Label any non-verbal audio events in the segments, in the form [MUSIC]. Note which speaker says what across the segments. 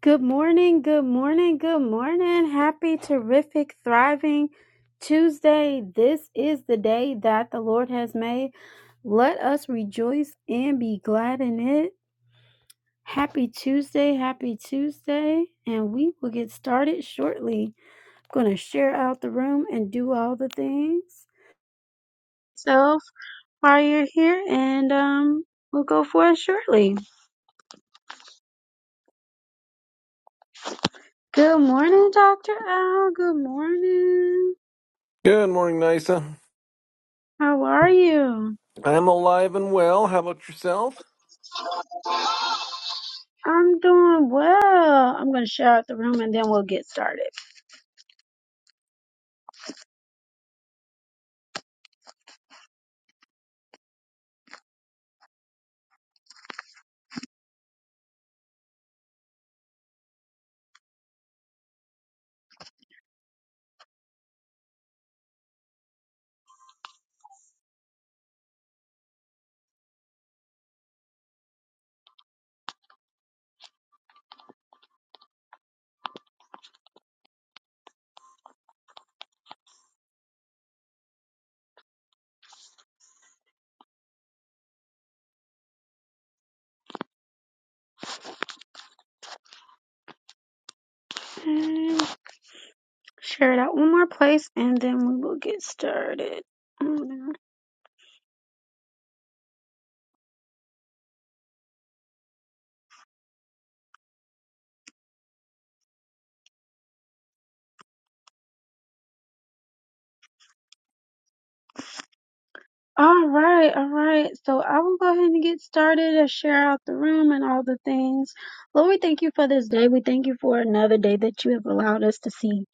Speaker 1: Good morning, good morning, good morning. Happy, terrific, thriving Tuesday. This is the day that the Lord has made. Let us rejoice and be glad in it. Happy Tuesday, happy Tuesday. And we will get started shortly. I'm going to share out the room and do all the things. So, while you're here, and um, we'll go for it shortly. Good morning, Dr. Al. Good morning.
Speaker 2: Good morning, Nisa.
Speaker 1: How are you?
Speaker 2: I'm alive and well. How about yourself?
Speaker 1: I'm doing well. I'm going to share out the room and then we'll get started. And share it out one more place and then we will get started. Mm. All right, all right. So I will go ahead and get started and share out the room and all the things. Lord, we thank you for this day. We thank you for another day that you have allowed us to see.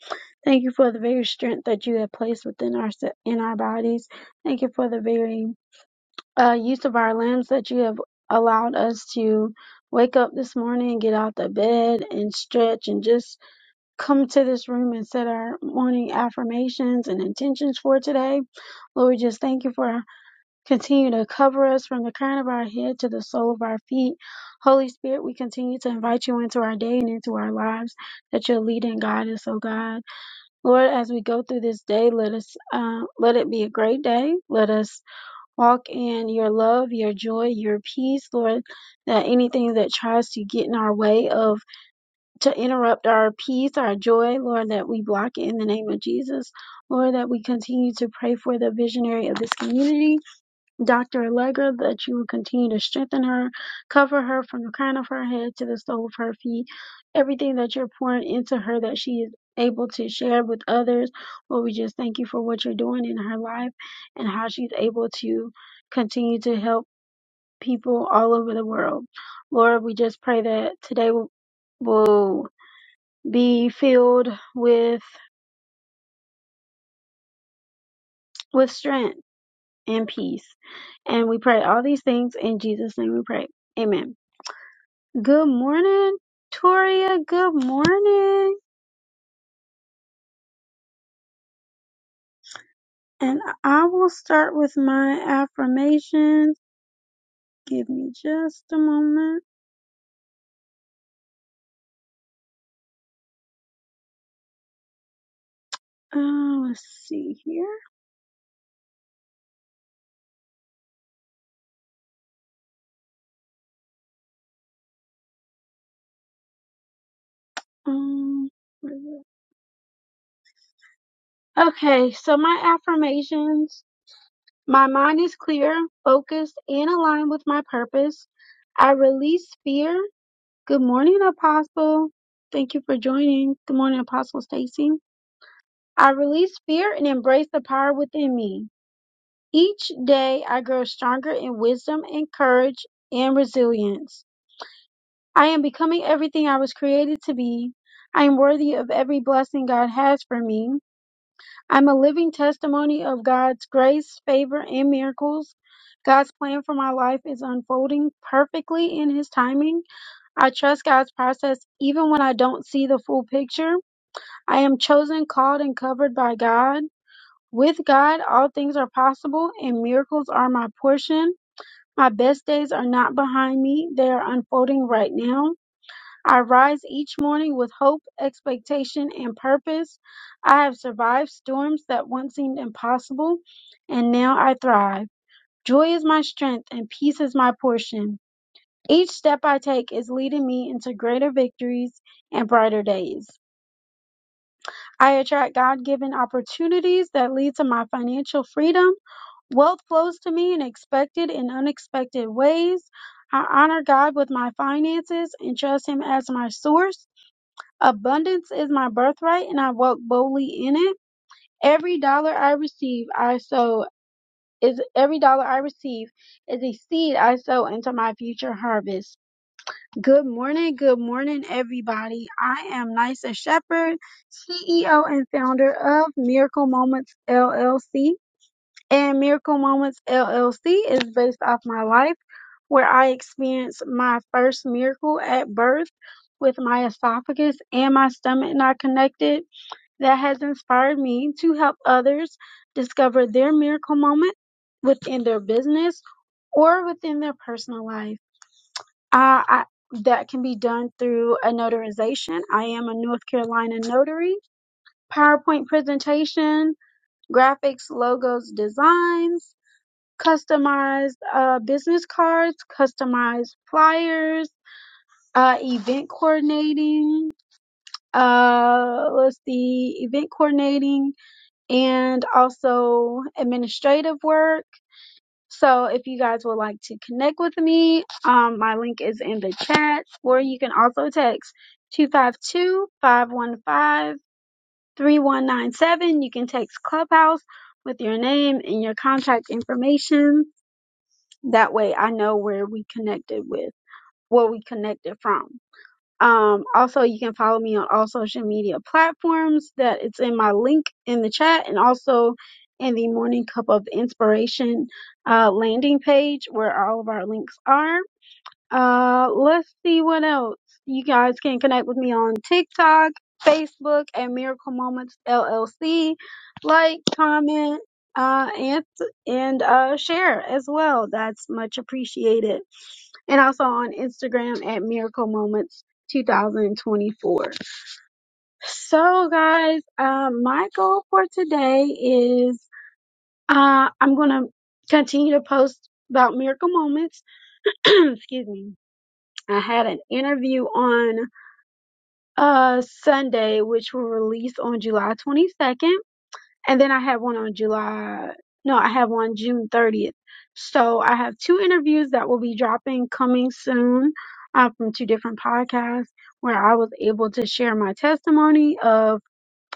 Speaker 1: Thank you for the very strength that you have placed within our in our bodies. Thank you for the very uh, use of our limbs that you have allowed us to wake up this morning get out the bed and stretch and just come to this room and set our morning affirmations and intentions for today. Lord, we just thank you for continuing to cover us from the crown of our head to the sole of our feet. Holy Spirit, we continue to invite you into our day and into our lives that you'll lead and guide us, oh God. Lord, as we go through this day, let us uh, let it be a great day. Let us Walk in your love, your joy, your peace, Lord, that anything that tries to get in our way of to interrupt our peace, our joy, Lord, that we block it in the name of Jesus. Lord, that we continue to pray for the visionary of this community Doctor Allegra, that you will continue to strengthen her, cover her from the crown of her head to the sole of her feet. Everything that you're pouring into her, that she is able to share with others. Lord, we just thank you for what you're doing in her life and how she's able to continue to help people all over the world. Lord, we just pray that today will will be filled with with strength and peace. And we pray all these things in Jesus' name we pray. Amen. Good morning, Toria. Good morning. And I will start with my affirmations. Give me just a moment. Uh, let's see here. Um, where is it? okay, so my affirmations. My mind is clear, focused, and aligned with my purpose. I release fear. Good morning, Apostle. Thank you for joining. Good morning, Apostle Stacy. I release fear and embrace the power within me. Each day I grow stronger in wisdom and courage and resilience. I am becoming everything I was created to be. I am worthy of every blessing God has for me. I'm a living testimony of God's grace, favor, and miracles. God's plan for my life is unfolding perfectly in His timing. I trust God's process even when I don't see the full picture. I am chosen, called, and covered by God. With God, all things are possible and miracles are my portion. My best days are not behind me, they are unfolding right now. I rise each morning with hope, expectation, and purpose. I have survived storms that once seemed impossible, and now I thrive. Joy is my strength, and peace is my portion. Each step I take is leading me into greater victories and brighter days. I attract God given opportunities that lead to my financial freedom. Wealth flows to me in expected and unexpected ways. I honor God with my finances and trust Him as my source. Abundance is my birthright and I walk boldly in it. Every dollar I receive, I sow is every dollar I receive is a seed I sow into my future harvest. Good morning, good morning everybody. I am Nysa Shepherd, CEO and founder of Miracle Moments LLC and Miracle Moments LLC is based off my life where I experienced my first miracle at birth with my esophagus and my stomach not connected. That has inspired me to help others discover their miracle moment within their business or within their personal life. Uh, I, that can be done through a notarization. I am a North Carolina notary. PowerPoint presentation, graphics, logos, designs, customized uh, business cards, customized flyers, uh, event coordinating. Uh, let's see, event coordinating and also administrative work. So if you guys would like to connect with me, um, my link is in the chat, or you can also text two five two five one five three one nine seven. You can text Clubhouse with your name and your contact information That way I know where we connected with, what we connected from. Um, also, you can follow me on all social media platforms that it's in my link in the chat and also in the Morning Cup of Inspiration uh, landing page where all of our links are. Uh, let's see what else. You guys can connect with me on TikTok, Facebook, and Miracle Moments LLC. Like, comment, uh, and and uh, share as well. That's much appreciated. And also on Instagram at Miracle Moments 2024. So, guys, uh, my goal for today is uh, I'm gonna continue to post about Miracle Moments. [CLEARS THROAT] Excuse me I had an interview on uh Sunday, which will release on July 22nd, and then I have one on July. No, I have one June 30th. So I have two interviews that will be dropping coming soon uh, from two different podcasts where I was able to share my testimony of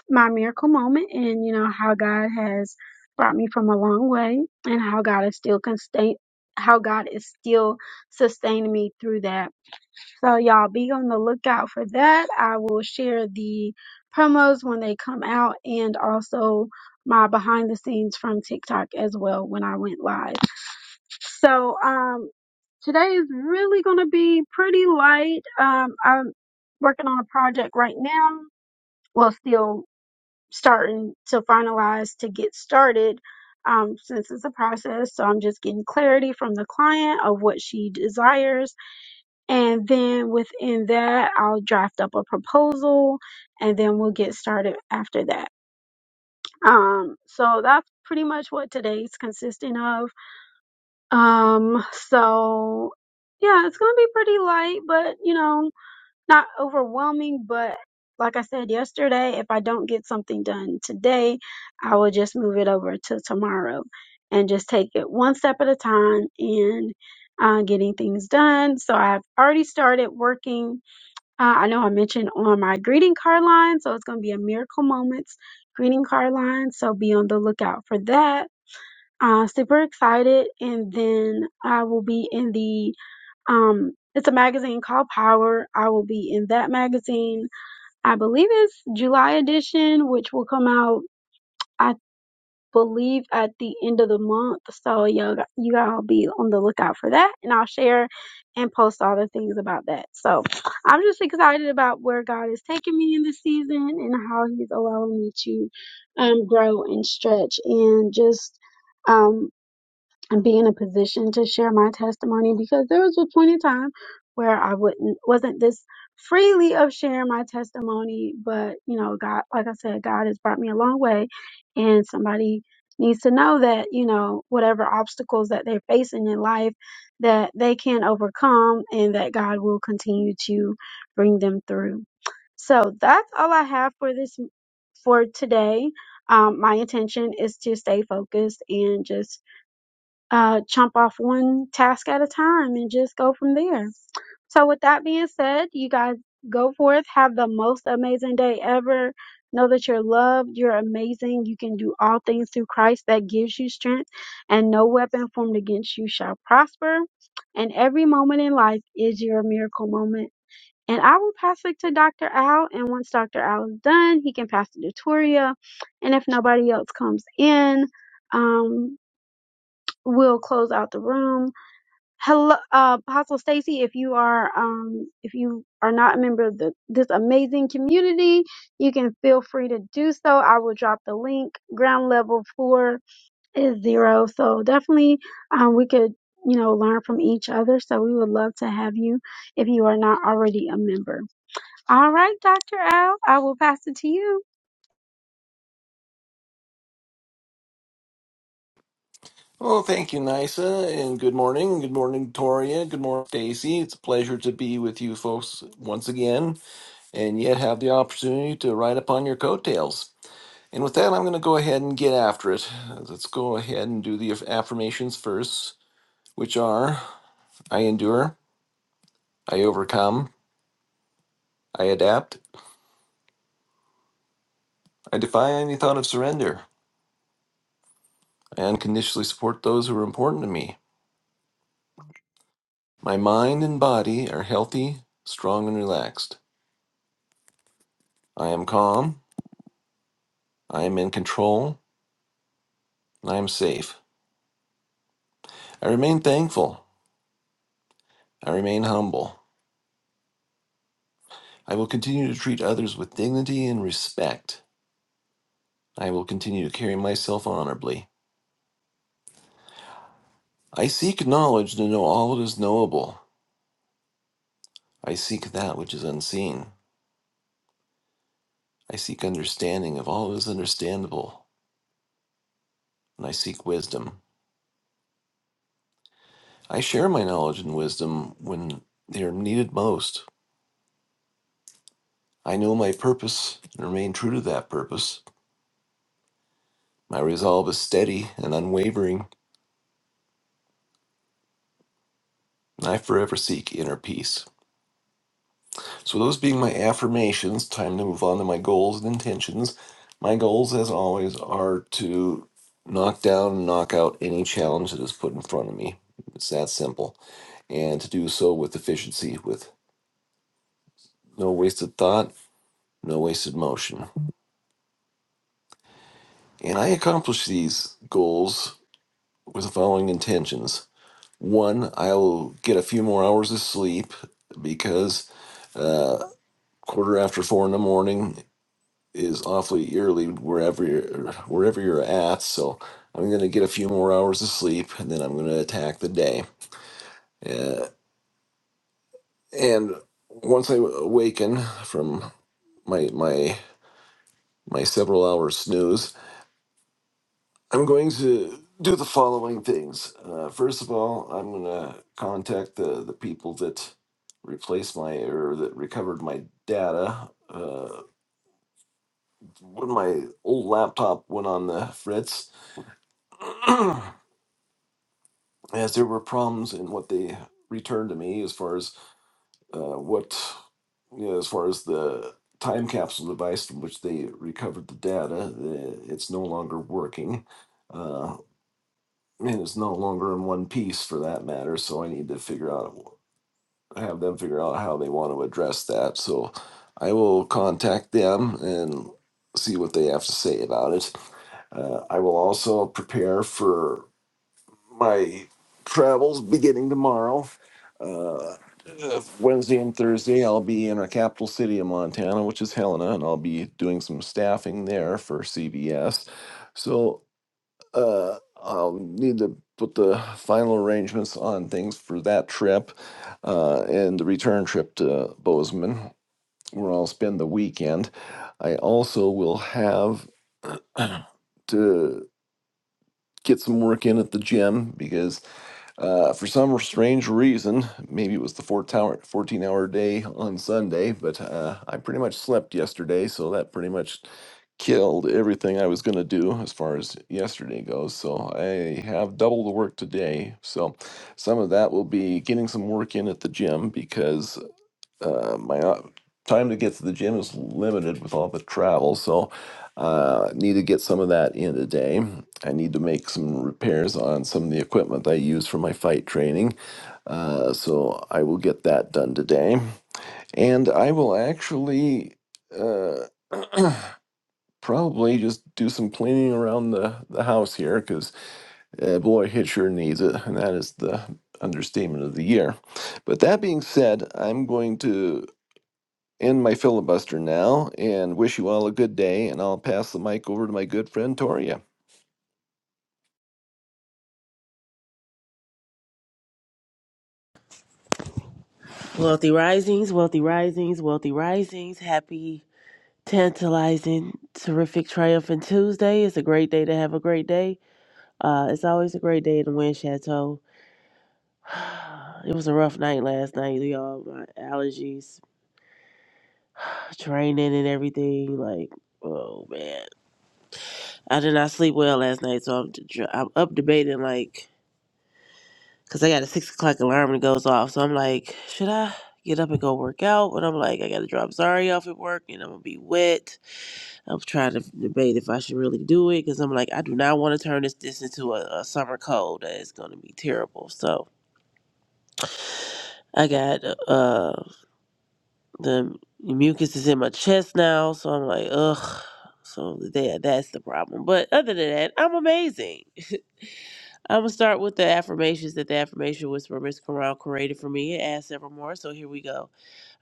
Speaker 1: my miracle moment and you know how God has brought me from a long way and how God is still constant how God is still sustaining me through that. So y'all be on the lookout for that. I will share the promos when they come out and also my behind the scenes from TikTok as well when I went live. So um today is really going to be pretty light. Um I'm working on a project right now. Well, still starting to finalize to get started. Um, since it's a process, so I'm just getting clarity from the client of what she desires and then within that, I'll draft up a proposal and then we'll get started after that. Um, so that's pretty much what today's consisting of. Um, so yeah, it's going to be pretty light, but you know, not overwhelming. But like I said yesterday, if I don't get something done today, I will just move it over to tomorrow and just take it one step at a time and uh, getting things done. So I've already started working uh, I know I mentioned on my greeting card line, so it's going to be a Miracle Moments greeting card line. So be on the lookout for that. Uh, super excited. And then I will be in the, um, it's a magazine called Power. I will be in that magazine. I believe it's July edition, which will come out. I believe at the end of the month. So y'all, got- you all be on the lookout for that, and I'll share and post all the things about that. So I'm just excited about where God is taking me in this season and how He's allowing me to um, grow and stretch and just. Um, and be in a position to share my testimony because there was a point in time where I wouldn't wasn't this freely of sharing my testimony, but you know, God, like I said, God has brought me a long way, and somebody needs to know that you know whatever obstacles that they're facing in life that they can overcome and that God will continue to bring them through. So that's all I have for this for today. Um, my intention is to stay focused and just uh, chomp off one task at a time and just go from there. So, with that being said, you guys go forth, have the most amazing day ever. Know that you're loved, you're amazing, you can do all things through Christ that gives you strength, and no weapon formed against you shall prosper. And every moment in life is your miracle moment. And I will pass it to Dr. Al, and once Dr. Al is done, he can pass it to Toria. And if nobody else comes in, um, we'll close out the room. Hello, uh, Apostle Stacy. If you are, um, if you are not a member of the, this amazing community, you can feel free to do so. I will drop the link. Ground level four is zero, so definitely, um, we could, you know, learn from each other. So we would love to have you if you are not already a member. All right, Dr. Al, I will pass it to you.
Speaker 2: Oh, thank you, Nisa, and good morning. Good morning, Toria. Good morning, Stacy. It's a pleasure to be with you folks once again, and yet have the opportunity to ride upon your coattails. And with that, I'm going to go ahead and get after it. Let's go ahead and do the affirmations first, which are I endure, I overcome, I adapt, I defy any thought of surrender, I unconditionally support those who are important to me. My mind and body are healthy, strong, and relaxed. I am calm. I am in control. and I am safe. I remain thankful. I remain humble. I will continue to treat others with dignity and respect. I will continue to carry myself honorably. I seek knowledge to know all that is knowable. I seek that which is unseen. I seek understanding of all that is understandable. And I seek wisdom. I share my knowledge and wisdom when they are needed most. I know my purpose and remain true to that purpose. My resolve is steady and unwavering, and I forever seek inner peace. So, those being my affirmations, time to move on to my goals and intentions. My goals, as always, are to knock down and knock out any challenge that is put in front of me. It's that simple. And to do so with efficiency, with no wasted thought, no wasted motion. And I accomplish these goals with the following intentions One, I will get a few more hours of sleep because uh, quarter after four in the morning is awfully early wherever you're, wherever you're at. So I'm going to get a few more hours of sleep, and then I'm going to attack the day. Uh, and once I awaken from my my my several hours snooze, I'm going to do the following things. Uh, first of all, I'm going to contact the, the people that replaced my or that recovered my data. Uh, when my old laptop went on the fritz, [CLEARS THROAT] as there were problems in what they returned to me as far as uh, what, you know, as far as the time capsule device from which they recovered the data, uh, it's no longer working. Uh, and it's no longer in one piece for that matter. So I need to figure out, have them figure out how they want to address that. So I will contact them and see what they have to say about it. Uh, I will also prepare for my travels beginning tomorrow. Uh, uh, Wednesday and Thursday, I'll be in a capital city of Montana, which is Helena, and I'll be doing some staffing there for CBS. So uh, I'll need to put the final arrangements on things for that trip uh, and the return trip to Bozeman, where I'll spend the weekend. I also will have [CLEARS THROAT] to get some work in at the gym because uh, for some strange reason, maybe it was the 14 hour day on Sunday, but uh, I pretty much slept yesterday, so that pretty much killed everything I was going to do as far as yesterday goes. So I have double the work today. So some of that will be getting some work in at the gym because uh, my o- time to get to the gym is limited with all the travel, so uh, need to get some of that in today. I need to make some repairs on some of the equipment I use for my fight training, uh, so I will get that done today, and I will actually uh, [CLEARS THROAT] probably just do some cleaning around the the house here because uh, boy, Hitcher needs it, and that is the understatement of the year. But that being said, I'm going to end my filibuster now and wish you all a good day. And I'll pass the mic over to my good friend Toria.
Speaker 3: Wealthy risings, wealthy risings, wealthy risings. Happy, tantalizing, terrific, triumphant Tuesday. It's a great day to have a great day. Uh, it's always a great day in the Wind Chateau. [SIGHS] It was a rough night last night, y'all. My allergies, training, and everything. Like, oh man, I did not sleep well last night, so I'm d- I'm up debating like, cause I got a six o'clock alarm that goes off. So I'm like, should I get up and go work out? But I'm like, I gotta drop Zari off at work, and I'm gonna be wet I'm trying to debate if I should really do it because I'm like, I do not want to turn this this into a, a summer cold. That is going to be terrible. So I got uh the mucus is in my chest now, so I'm like, ugh. So that that's the problem. But other than that, I'm amazing. I'm gonna start with the affirmations that the affirmation whisperer Miss Corral created for me. It adds several more, so here we go.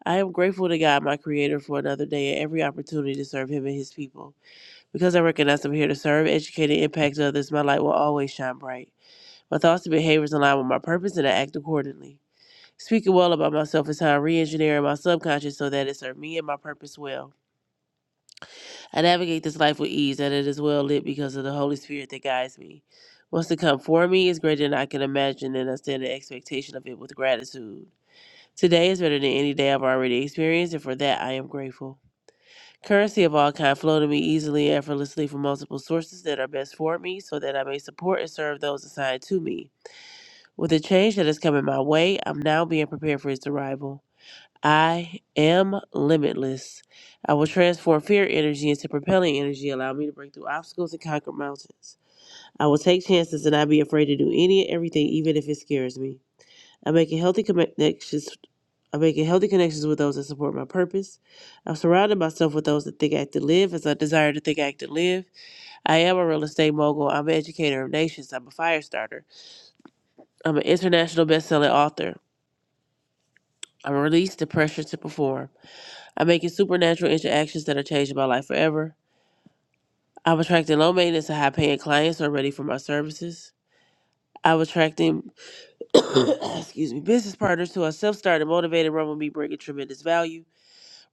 Speaker 3: I am grateful to God, my Creator, for another day and every opportunity to serve Him and His people. Because I recognize I'm here to serve, educate, and impact others, my light will always shine bright. My thoughts and behaviors align with my purpose, and I act accordingly. Speaking well about myself is how I re engineer my subconscious so that it serves me and my purpose well. I navigate this life with ease, and it is well lit because of the Holy Spirit that guides me. What's to come for me is greater than I can imagine, and I stand in expectation of it with gratitude. Today is better than any day I've already experienced, and for that I am grateful. Currency of all kind flow to me easily and effortlessly from multiple sources that are best for me so that I may support and serve those assigned to me. With the change that is coming my way, I'm now being prepared for its arrival. I am limitless. I will transform fear energy into propelling energy, allow me to break through obstacles and conquer mountains. I will take chances and not be afraid to do any and everything, even if it scares me. I'm making healthy connections. I'm making healthy connections with those that support my purpose. I'm surrounding myself with those that think, act, and live as I desire to think, act, and live. I am a real estate mogul. I'm an educator of nations. I'm a fire starter. I'm an international best-selling author. I'm released the pressure to perform. I'm making supernatural interactions that are changing my life forever. I'm attracting low maintenance and high paying clients who are ready for my services. I'm attracting [COUGHS] excuse me, business partners who are self-started, motivated, run with me, bringing tremendous value.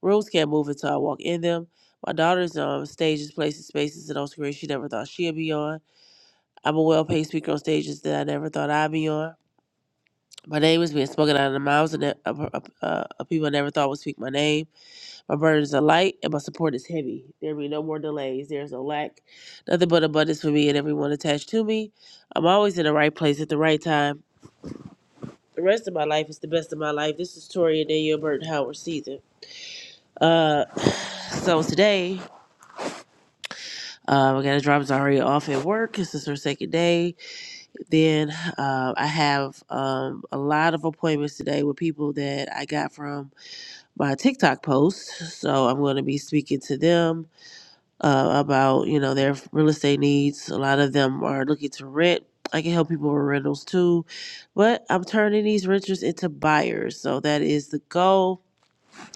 Speaker 3: Rooms can't move until I walk in them. My daughter's on stages, places, spaces, and on screens she never thought she'd be on. I'm a well paid speaker on stages that I never thought I'd be on. My name is being spoken out of the mouths of, ne- of, of, uh, of people I never thought would speak my name. My burdens are light and my support is heavy. There be no more delays. There is no lack. Nothing but abundance for me and everyone attached to me. I'm always in the right place at the right time. The rest of my life is the best of my life. This is Tori and Daniel Burton Howard season. Uh, [SIGHS] so today Um, I got to drop Zaria off at work. This is her second day. Then uh, I have um, a lot of appointments today with people that I got from my TikTok post. So I'm going to be speaking to them uh, about you know their real estate needs. A lot of them are looking to rent. I can help people with rentals too, but I'm turning these renters into buyers. So that is the goal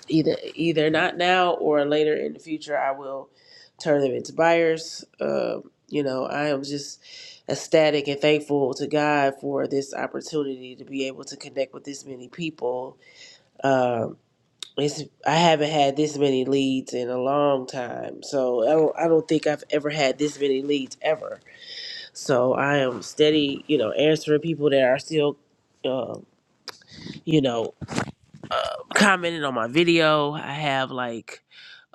Speaker 3: either either not now or later in the future i will turn them into buyers um, you know i am just ecstatic and thankful to god for this opportunity to be able to connect with this many people um, it's, i haven't had this many leads in a long time so I don't, I don't think i've ever had this many leads ever so i am steady you know answering people that are still um, you know uh, commenting on my video i have like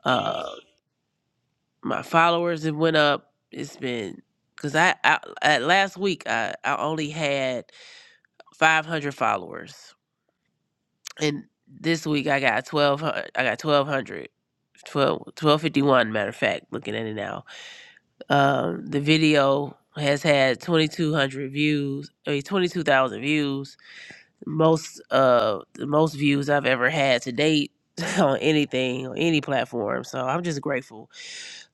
Speaker 3: uh, my followers have went up. It's been because I, I at last week I, I only had 500 followers, and this week I got 12. I got 1200. 12, 1251 matter of fact looking at it now um the video has had 2200 views i mean 22000 views most uh the most views i've ever had to date [LAUGHS] on anything on any platform so i'm just grateful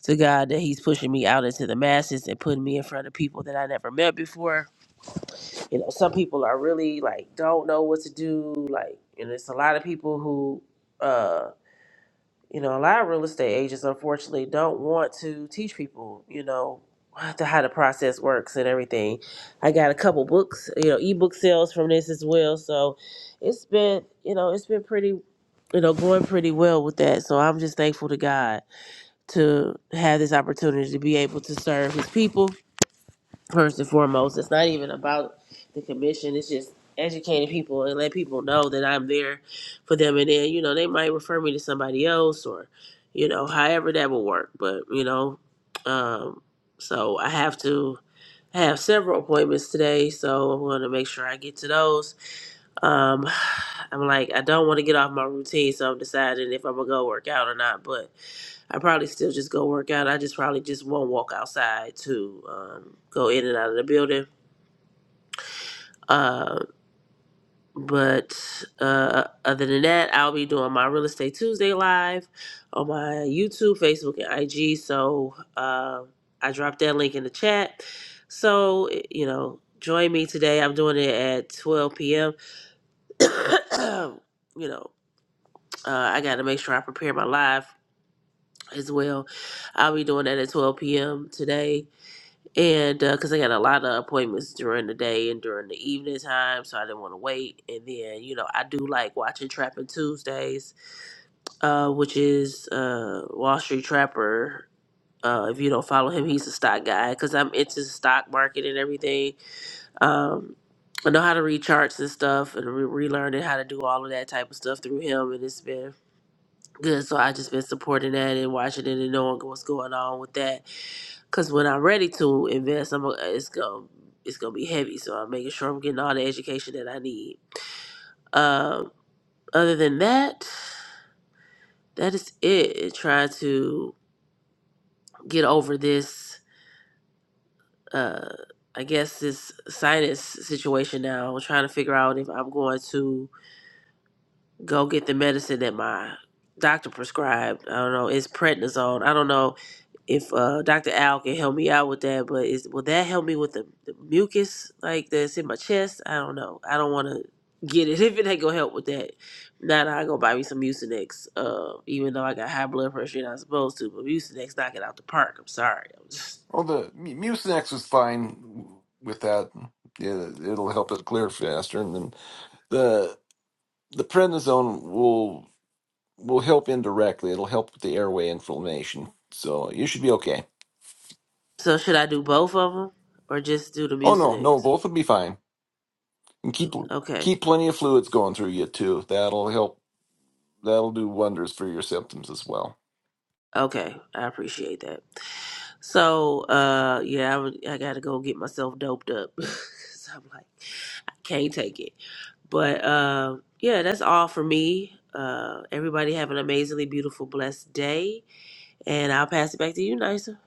Speaker 3: to God that He's pushing me out into the masses and putting me in front of people that I never met before. You know, some people are really like don't know what to do, like, and it's a lot of people who, uh, you know, a lot of real estate agents unfortunately don't want to teach people, you know, how to how the process works and everything. I got a couple books, you know, ebook sales from this as well, so it's been, you know, it's been pretty, you know, going pretty well with that. So I'm just thankful to God to have this opportunity to be able to serve his people first and foremost. It's not even about the commission. It's just educating people and let people know that I'm there for them. And then, you know, they might refer me to somebody else or, you know, however that will work. But, you know, um, so I have to I have several appointments today. So I'm going to make sure I get to those um, [SIGHS] I'm like, I don't want to get off my routine, so I'm deciding if I'm gonna go work out or not. But I probably still just go work out. I just probably just won't walk outside to um, go in and out of the building. Uh, but uh, other than that, I'll be doing my Real Estate Tuesday live on my YouTube, Facebook, and IG. So uh, I dropped that link in the chat. So eh, you know, join me today. I'm doing it at 12 p.m. [COUGHS] you know. Uh, I got to make sure I prepare my live as well. I'll be doing that at 12 p.m. today. And because I got a lot of appointments during the day and during the evening time, so I didn't want to wait. And then, you know, I do like watching Trapping Tuesdays, uh, which is uh, Wall Street Trapper. Uh, if you don't follow him, he's a stock guy because I'm into the stock market and everything. Um, I know how to read charts and stuff, and re- relearning how to do all of that type of stuff through him, and it's been good. So I just been supporting that and watching it and knowing what's going on with that. Cause when I'm ready to invest, I'm gonna- it's gonna it's gonna be heavy. So I'm making sure I'm getting all the education that I need. Um, other than that, that is it. Trying to get over this. Uh, I guess this sinus situation now. I'm trying to figure out if I'm going to go get the medicine that my doctor prescribed. I don't know. It's prednisone. I don't know if uh, Dr. Al can help me out with that, but is will that help me with the, the mucus like that's in my chest? I don't know. I don't want to get it [LAUGHS] if it ain't gonna help with that. Now I go buy me some Mucinex, uh, even though I got high blood pressure, and I'm supposed to, but Mucinex knock it out the park. I'm sorry. I'm just... [LAUGHS]
Speaker 2: Well, the mu- Mucinex was fine with that. Yeah, it'll help it clear faster, and then the the prednisone will will help indirectly. It'll help with the airway inflammation, so you should be okay.
Speaker 3: So should I do both of them or just do the
Speaker 2: Oh no, no,
Speaker 3: Mucinex?
Speaker 2: both will be fine, and keep
Speaker 3: Okay,
Speaker 2: keep plenty of fluids going through you too. That'll help. That'll do wonders for your symptoms as well.
Speaker 3: okay, I appreciate that. So uh, yeah, I, would- I gotta go get myself doped up. [LAUGHS] 'Cause I'm like, I can't take it. But uh, yeah, that's all for me. Uh, everybody have an amazingly beautiful, blessed day, and I'll pass it back to you, Nisa.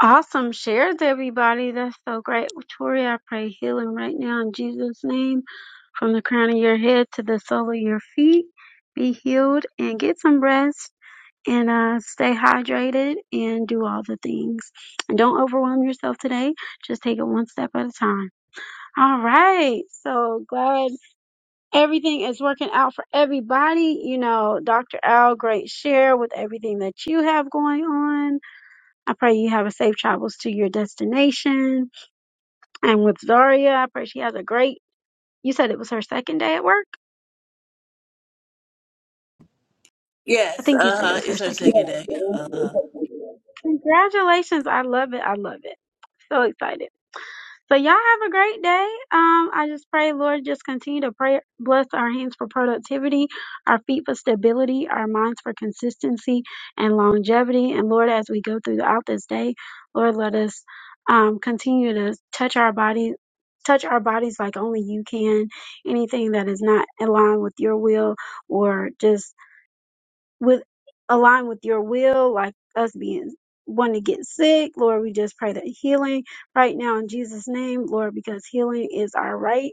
Speaker 1: Awesome shares, everybody. That's so great. Tori, I pray healing right now in Jesus' name from the crown of your head to the sole of your feet. Be healed and get some rest and uh, stay hydrated and do all the things. And don't overwhelm yourself today. Just take it one step at a time. All right. So glad everything is working out for everybody. You know, Dr. Al, great share with everything that you have going on. I pray you have a safe travels to your destination. And with Zaria, I pray she has a great. You said it was her second day at work. I
Speaker 3: Yes,
Speaker 1: think you
Speaker 3: uh
Speaker 1: said it
Speaker 3: huh.
Speaker 1: was her
Speaker 3: It's her
Speaker 1: second.
Speaker 3: second day. Uh huh.
Speaker 1: Congratulations! I love it. I love it. [LAUGHS] So excited. So y'all have a great day. Um, I just pray, Lord, just continue to pray, bless our hands for productivity, our feet for stability, our minds for consistency and longevity. And Lord, as we go throughout this day, Lord, let us um, continue to touch our body, touch our bodies like only you can. Anything that is not aligned with your will or just with align with your will, like us being one to get sick. Lord, we just pray that healing right now in Jesus' name, Lord, because healing is our right,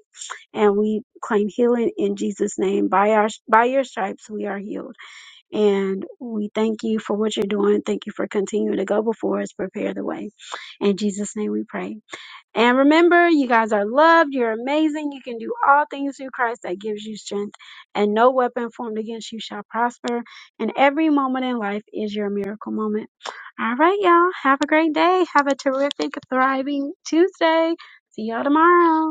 Speaker 1: and we claim healing in Jesus' name. By our by your stripes, we are healed, and we thank you for what you're doing. Thank you for continuing to go before us, prepare the way. In Jesus' name, we pray. And remember, you guys are loved. You're amazing. You can do all things through Christ that gives you strength, and no weapon formed against you shall prosper. And every moment in life is your miracle moment. All right, y'all. Have a great day. Have a terrific, thriving Tuesday. See y'all tomorrow.